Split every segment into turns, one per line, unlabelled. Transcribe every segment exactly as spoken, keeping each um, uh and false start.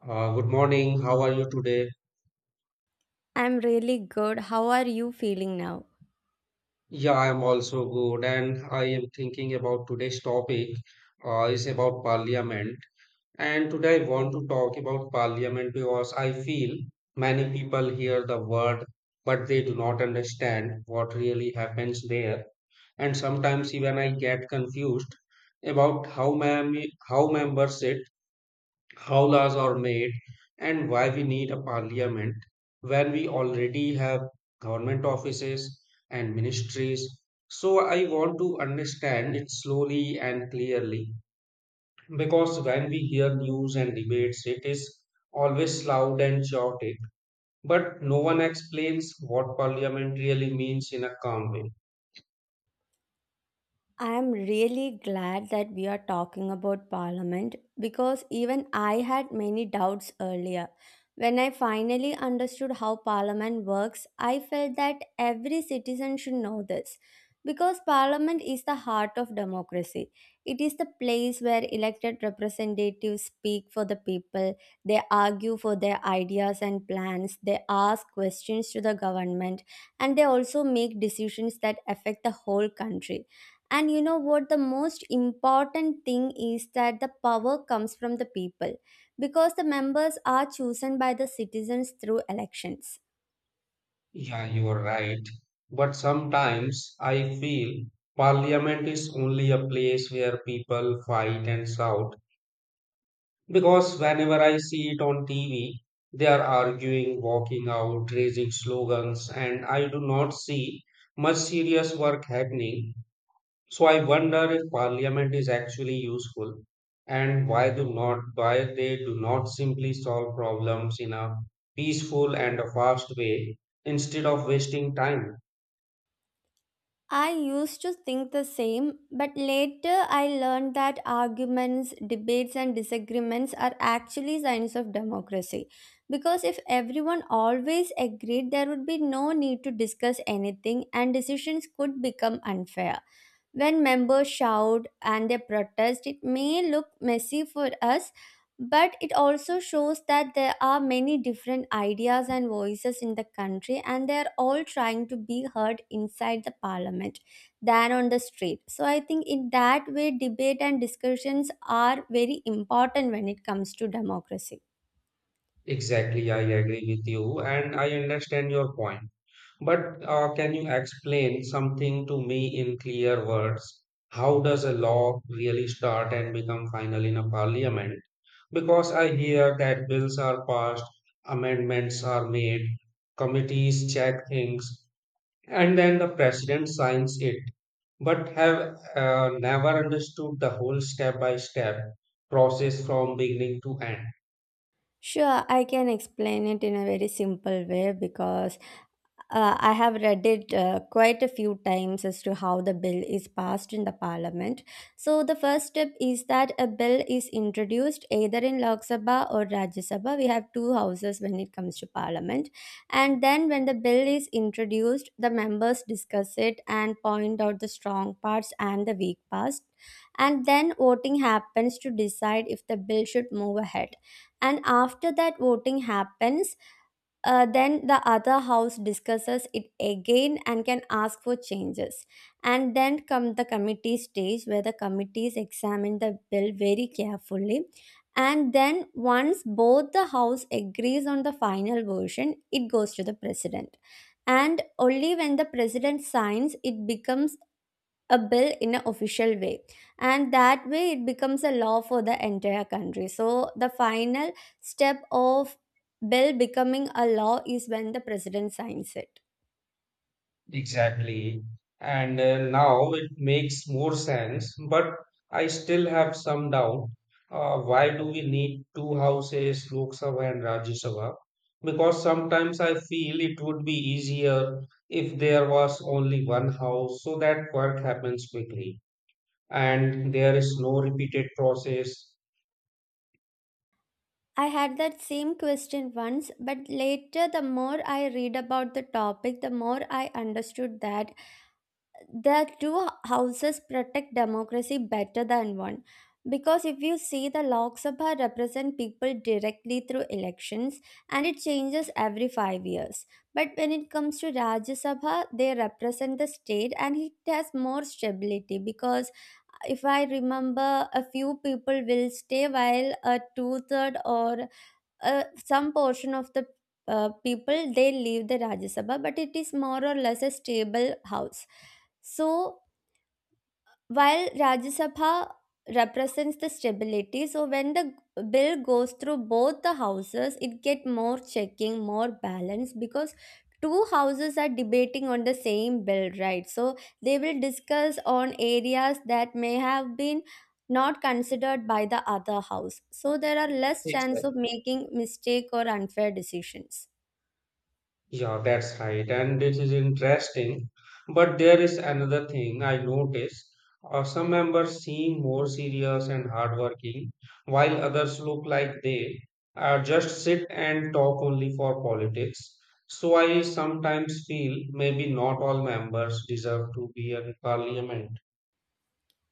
Uh, good morning. How are you today?
I'm really good. How are you feeling now?
Yeah, I am also good, and I am thinking about today's topic uh, is about parliament. And today I want to talk about parliament because I feel many people hear the word, but they do not understand what really happens there. And sometimes even I get confused about how many how members sit, how laws are made, and why we need a parliament when we already have government offices and ministries. So, I want to understand it slowly and clearly because when we hear news and debates, it is always loud and chaotic, but no one explains what parliament really means in a calm way.
I'm really glad that we are talking about Parliament because even I had many doubts earlier. When I finally understood how Parliament works, I felt that every citizen should know this. Because Parliament is the heart of democracy. It is the place where elected representatives speak for the people, they argue for their ideas and plans, they ask questions to the government, and they also make decisions that affect the whole country. And you know what? The most important thing is that the power comes from the people because the members are chosen by the citizens through elections.
Yeah, you are right. But sometimes I feel parliament is only a place where people fight and shout because whenever I see it on T V, they are arguing, walking out, raising slogans, and I do not see much serious work happening. So I wonder if parliament is actually useful and why do not why they do not simply solve problems in a peaceful and a fast way instead of wasting time.
I used to think the same, but later I learned that arguments, debates, and disagreements are actually signs of democracy. Because if everyone always agreed, there would be no need to discuss anything, and decisions could become unfair. When members shout and they protest, it may look messy for us, but it also shows that there are many different ideas and voices in the country, and they are all trying to be heard inside the parliament than on the street. So, I think in that way, debate and discussions are very important when it comes to democracy.
Exactly, I agree with you and I understand your point. But uh, can you explain something to me in clear words? How does a law really start and become final in a parliament? Because I hear that bills are passed, amendments are made, committees check things, and then the president signs it. But have uh, never understood the whole step by step process from beginning to end.
Sure, I can explain it in a very simple way because uh, I have read it uh, quite a few times as to how the bill is passed in the parliament. So, the first step is that a bill is introduced either in Lok Sabha or Rajya Sabha. We have two houses when it comes to parliament. And then, when the bill is introduced, the members discuss it and point out the strong parts and the weak parts. And then voting happens to decide if the bill should move ahead, and after that voting happens, uh, then the other house discusses it again and can ask for changes, and then come the committee stage where the committees examine the bill very carefully, and then once both the house agrees on the final version, it goes to the president, and only when the president signs it becomes a bill in an official way, and that way it becomes a law for the entire country. So the final step of bill becoming a law is when the president signs it.
Exactly. And uh, now it makes more sense, but I still have some doubt. Uh, why do we need two houses, Lok Sabha and Rajya Sabha? Because sometimes I feel it would be easier if there was only one house so that work happens quickly and there is no repeated process.
I had that same question once, but later the more I read about the topic, the more I understood that the two houses protect democracy better than one because if you see, the Lok Sabha represent people directly through elections and it changes every five years, but when it comes to Rajya Sabha, they represent the state and it has more stability because if I remember, a few people will stay while a two-third or uh, some portion of the uh, people they leave the Rajya Sabha, but it is more or less a stable house. So while Rajya Sabha represents the stability, so when the bill goes through both the houses, it get more checking, more balance because two houses are debating on the same bill, right? So they will discuss on areas that may have been not considered by the other house. So there are less chance
Exactly.
of making mistake or unfair decisions.
Yeah, that's right. And it is interesting. But there is another thing I noticed. Uh, some members seem more serious and hardworking, while others look like they uh, just sit and talk only for politics. So I sometimes feel maybe not all members deserve to be in parliament.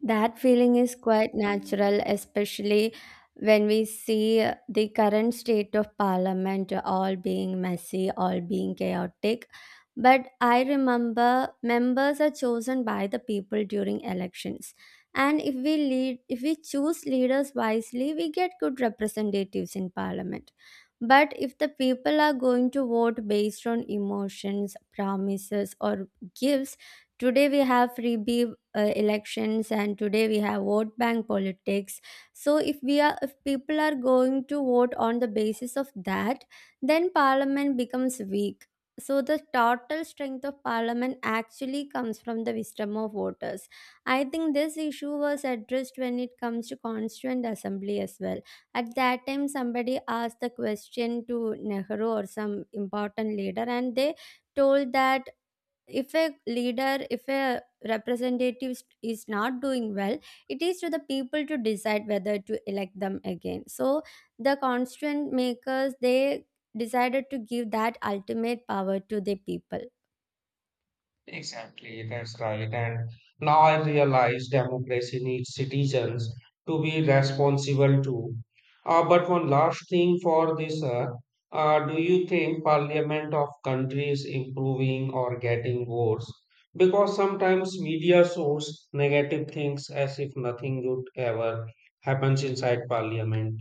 That feeling is quite natural, especially when we see the current state of parliament all being messy, all being chaotic. But I remember members are chosen by the people during elections. And if we lead if we choose leaders wisely, we get good representatives in parliament. But if the people are going to vote based on emotions, promises, or gifts, today we have freebie uh, elections, and today we have vote bank politics. So if we are if people are going to vote on the basis of that, then parliament becomes weak. So the total strength of parliament actually comes from the wisdom of voters. I think this issue was addressed when it comes to constituent assembly as well. At that time somebody asked the question to Nehru or some important leader, and they told that if a leader if a representative is not doing well, it is to the people to decide whether to elect them again. So the constituent makers they decided to give that ultimate power to the people.
Exactly, that's right. And now I realize democracy needs citizens to be responsible too. Uh, but one last thing for this, uh, uh, do you think parliament of countries improving or getting worse? Because sometimes media shows negative things as if nothing good ever happens inside parliament.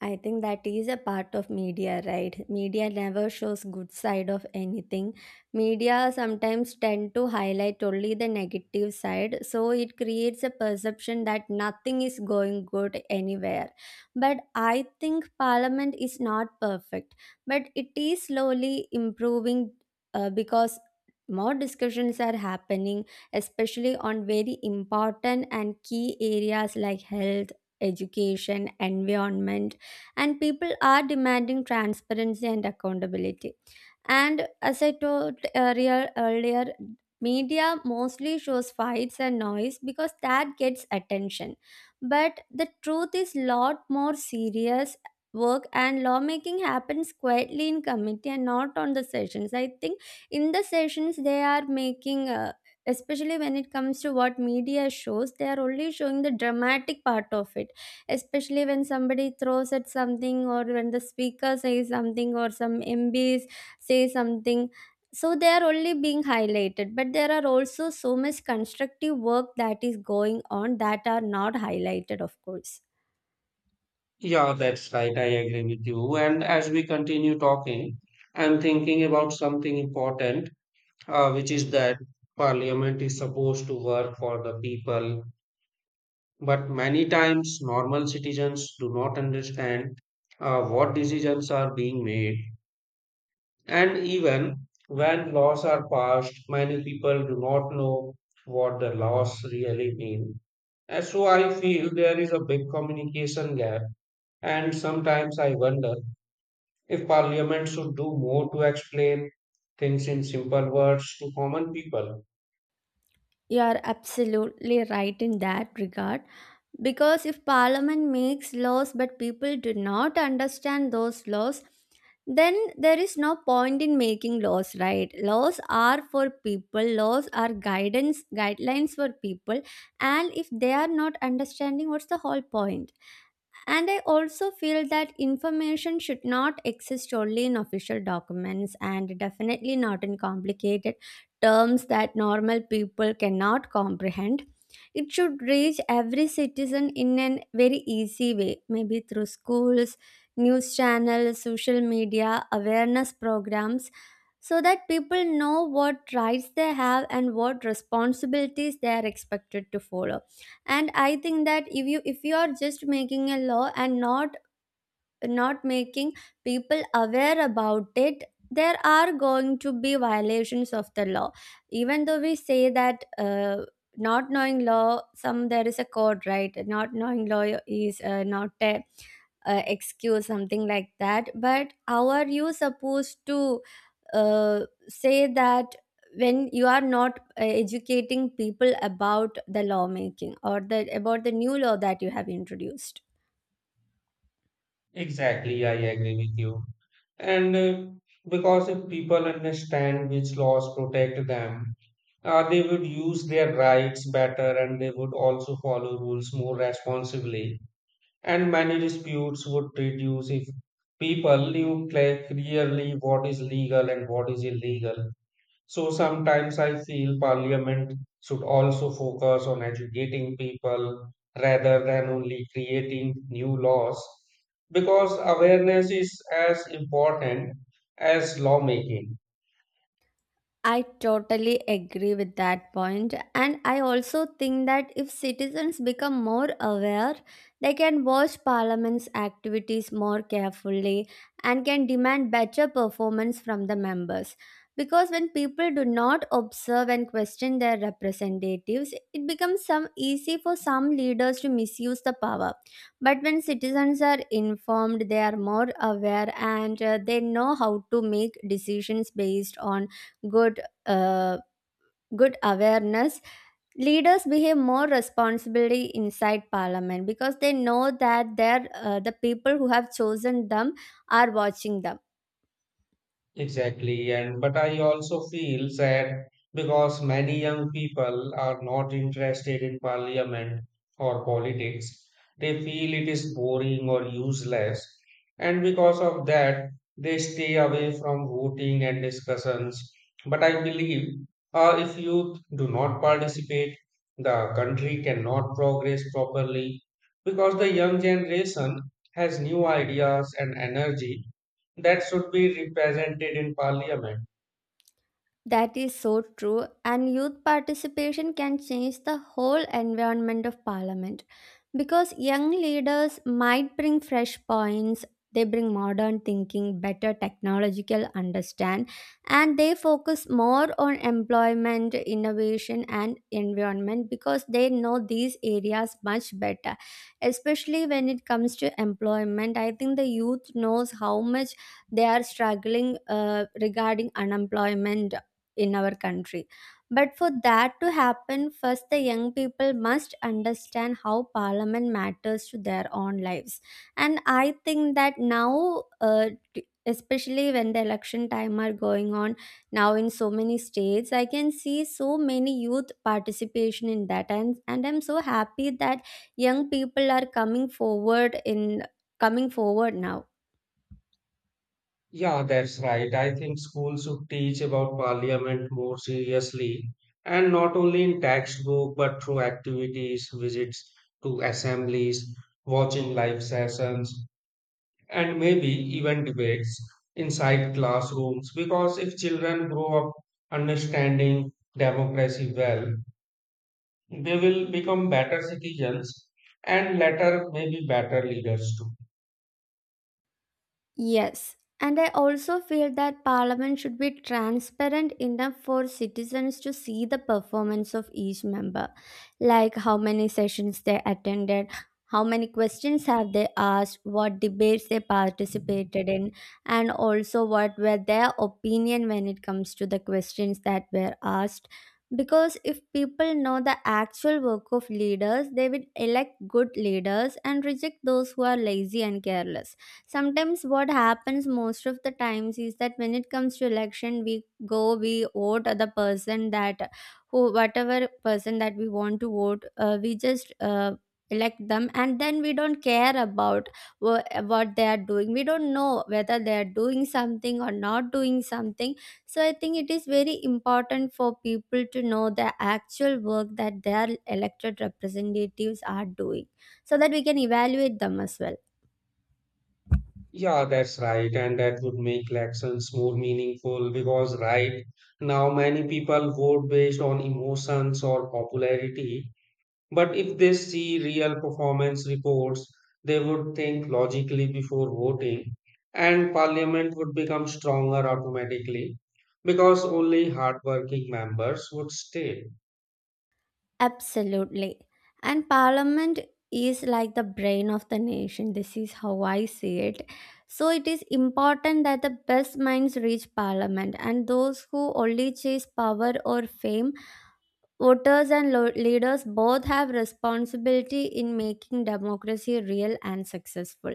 I think that is a part of media, right? Media never shows good side of anything. Media sometimes tend to highlight only the negative side, so it creates a perception that nothing is going good anywhere. But I think parliament is not perfect, but it is slowly improving uh, because more discussions are happening, especially on very important and key areas like health, education, environment, and people are demanding transparency and accountability. And as I told earlier, earlier, media mostly shows fights and noise because that gets attention. But the truth is lot more serious work and lawmaking happens quietly in committee and not on the sessions. I think in the sessions they are making. Uh, especially when it comes to what media shows, they are only showing the dramatic part of it, especially when somebody throws at something or when the speaker says something or some mb say something. So they are only being highlighted, but there are also so much constructive work that is going on that are not highlighted, of course.
Yeah, that's right. I agree with you. And as we continue talking, I'm thinking about something important uh, which is that parliament is supposed to work for the people, but many times normal citizens do not understand uh, what decisions are being made. And even when laws are passed, many people do not know what the laws really mean. And so I feel there is a big communication gap, and sometimes I wonder if parliament should do more to explain things in simple words to common people.
You are absolutely right in that regard because if parliament makes laws but people do not understand those laws, then there is no point in making laws, right? Laws are for people, laws are guidance guidelines for people, and if they are not understanding, what's the whole point? And I also feel that information should not exist only in official documents and definitely not in complicated terms that normal people cannot comprehend. It should reach every citizen in a very easy way, maybe through schools, news channels, social media, awareness programs, so that people know what rights they have and what responsibilities they are expected to follow. And I think that if you if you are just making a law and not not making people aware about it, there are going to be violations of the law. Even though we say that uh, not knowing law some there is a code, right? Not knowing law is uh, not a uh, excuse, something like that. But how are you supposed to uh, say that when you are not uh, educating people about the lawmaking or the about the new law that you have introduced?
Exactly, I agree with you. And uh, because if people understand which laws protect them, uh, they would use their rights better and they would also follow rules more responsibly. And many disputes would reduce if people knew cla- clearly what is legal and what is illegal. So sometimes I feel parliament should also focus on educating people rather than only creating new laws because awareness is as important as lawmaking.
I totally agree with that point. And I also think that if citizens become more aware, they can watch Parliament's activities more carefully and can demand better performance from the members. Because when people do not observe and question their representatives, it becomes some easy for some leaders to misuse the power. But when citizens are informed, they are more aware, and uh, they know how to make decisions based on good uh, good awareness. Leaders behave more responsibility inside parliament because they know that their uh, the people who have chosen them are watching them.
Exactly, and but I also feel sad because many young people are not interested in parliament or politics. They feel it is boring or useless, and because of that, they stay away from voting and discussions. But I believe uh, if youth do not participate, the country cannot progress properly because the young generation has new ideas and energy that should be represented in parliament.
That is so true, and youth participation can change the whole environment of parliament because young leaders might bring fresh points, they bring modern thinking, better technological understand, and they focus more on employment, innovation, and environment because they know these areas much better. Especially when it comes to employment, I think the youth knows how much they are struggling uh, regarding unemployment in our country. But for that to happen, first the young people must understand how parliament matters to their own lives. And I think that now, uh, t- especially when the election time are going on now in so many states, I can see so many youth participation in that. And, and I'm so happy that young people are coming forward in coming forward now.
Yeah, that's right. I think schools should teach about parliament more seriously and not only in textbook but through activities, visits to assemblies, watching live sessions, and maybe even debates inside classrooms. Because if children grow up understanding democracy well, they will become better citizens and later maybe better leaders too.
Yes, and I also feel that Parliament should be transparent enough for citizens to see the performance of each member, like how many sessions they attended, how many questions have they asked, what debates they participated in, and also what were their opinion when it comes to the questions that were asked. Because if people know the actual work of leaders, they will elect good leaders and reject those who are lazy and careless. Sometimes what happens most of the times is that when it comes to election, we go we vote the person that who whatever person that we want to vote, uh, we just uh, elect them, and then we don't care about wha- what they are doing. We don't know whether they are doing something or not doing something. So I think it is very important for people to know the actual work that their elected representatives are doing, so that we can evaluate them as well.
Yeah, that's right. And that would make elections more meaningful because right now many people vote based on emotions or popularity. But if they see real performance reports, they would think logically before voting, and parliament would become stronger automatically because only hardworking members would stay.
Absolutely. And parliament is like the brain of the nation. This is how I see it. So it is important that the best minds reach parliament and those who only chase power or fame. Voters and lo- leaders both have responsibility in making democracy real and successful.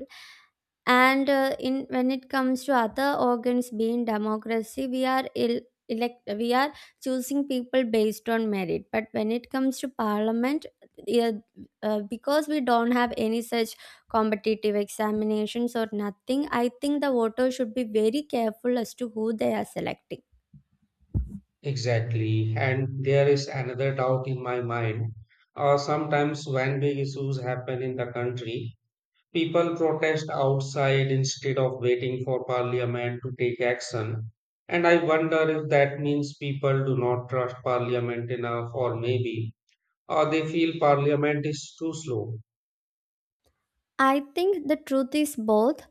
And uh, in when it comes to other organs being democracy, we are il- elect we are choosing people based on merit. But when it comes to parliament, yeah, uh, because we don't have any such competitive examinations or nothing, I think the voters should be very careful as to who they are selecting.
Exactly. And there is another doubt in my mind. Uh, sometimes when big issues happen in the country, people protest outside instead of waiting for parliament to take action. And I wonder if that means people do not trust parliament enough, or maybe, or they feel parliament is too slow.
I think the truth is both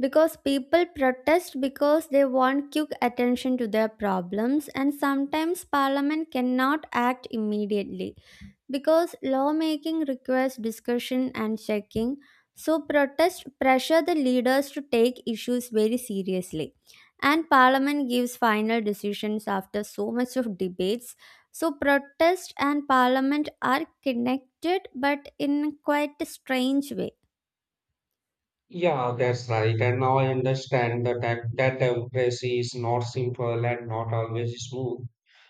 because people protest because they want quick attention to their problems, and sometimes parliament cannot act immediately because lawmaking requires discussion and checking. So protests pressure the leaders to take issues very seriously, and parliament gives final decisions after so much of debates. So protest and parliament are connected but in quite a strange way.
Yeah, that's right. And now I understand that that, that democracy is not simple and not always smooth.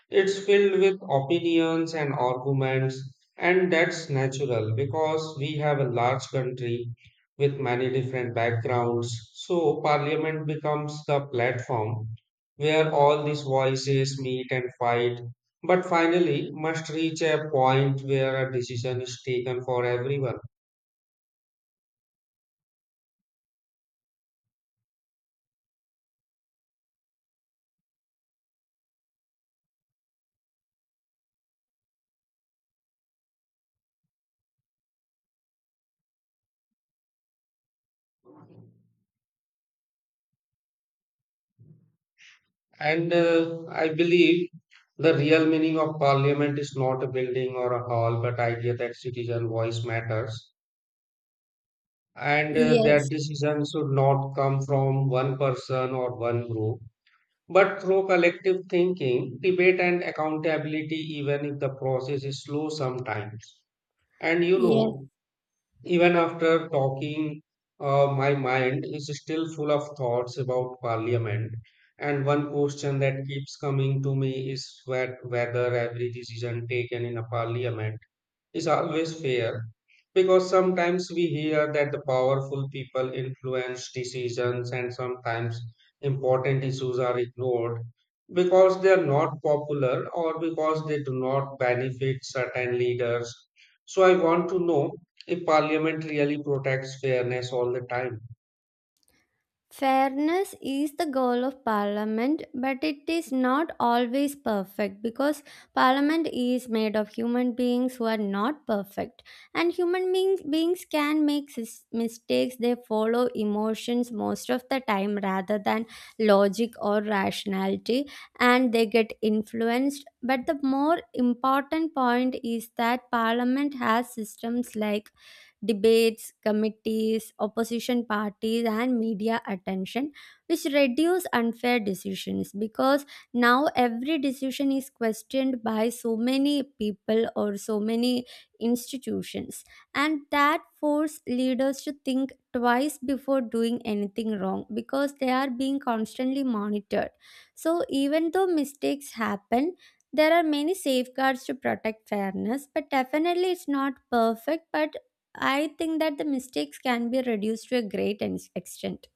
It's filled with opinions and arguments, and that's natural because we have a large country with many different backgrounds. So, parliament becomes the platform where all these voices meet and fight, but finally must reach a point where a decision is taken for everyone. And uh, I believe the real meaning of parliament is not a building or a hall, but idea that citizen voice matters and uh, that
Yes,
decision should not come from one person or one group, but through collective thinking, debate, and accountability, even if the process is slow sometimes. And you
yes.
know, even after talking, uh, my mind is still full of thoughts about parliament. And one question that keeps coming to me is whe- whether every decision taken in a parliament is always fair because sometimes we hear that the powerful people influence decisions and sometimes important issues are ignored because they are not popular or because they do not benefit certain leaders. So I want to know if parliament really protects fairness all the time.
Fairness is the goal of Parliament, but it is not always perfect because Parliament is made of human beings who are not perfect. And human beings, beings can make sis- mistakes, they follow emotions most of the time rather than logic or rationality, and they get influenced. But the more important point is that Parliament has systems like debates, committees, opposition parties, and media attention, which reduce unfair decisions because now every decision is questioned by so many people or so many institutions. And that force leaders to think twice before doing anything wrong because they are being constantly monitored. So even though mistakes happen, there are many safeguards to protect fairness, but definitely it's not perfect, but I think that the mistakes can be reduced to a great ex- extent.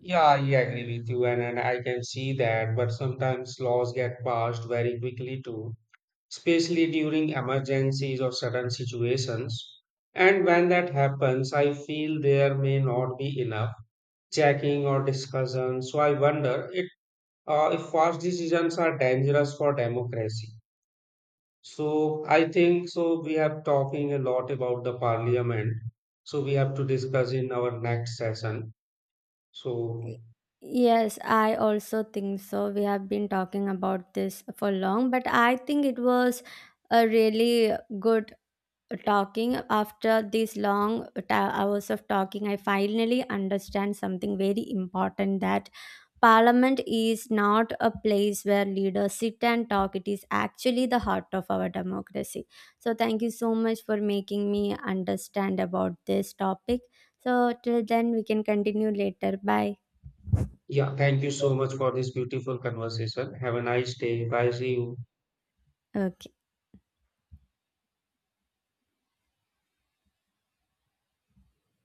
Yeah, I agree with you, and, and I can see that, but sometimes laws get passed very quickly too especially during emergencies or sudden situations. And when that happens, I feel there may not be enough checking or discussion. So I wonder it, uh, if fast decisions are dangerous for democracy. So I think so. We have talking a lot about the parliament. So we have to discuss in our next session. So
Y- Yes, I also think so. We have been talking about this for long, but I think it was a really good talking. After these long ta- hours of talking, I finally understand something very important that Parliament is not a place where leaders sit and talk. It is actually the heart of our democracy. So, thank you so much for making me understand about this topic. So, till then, we can continue later. Bye.
yeah, thank you so much for this beautiful conversation. Have a nice day. Bye. See you.
Okay.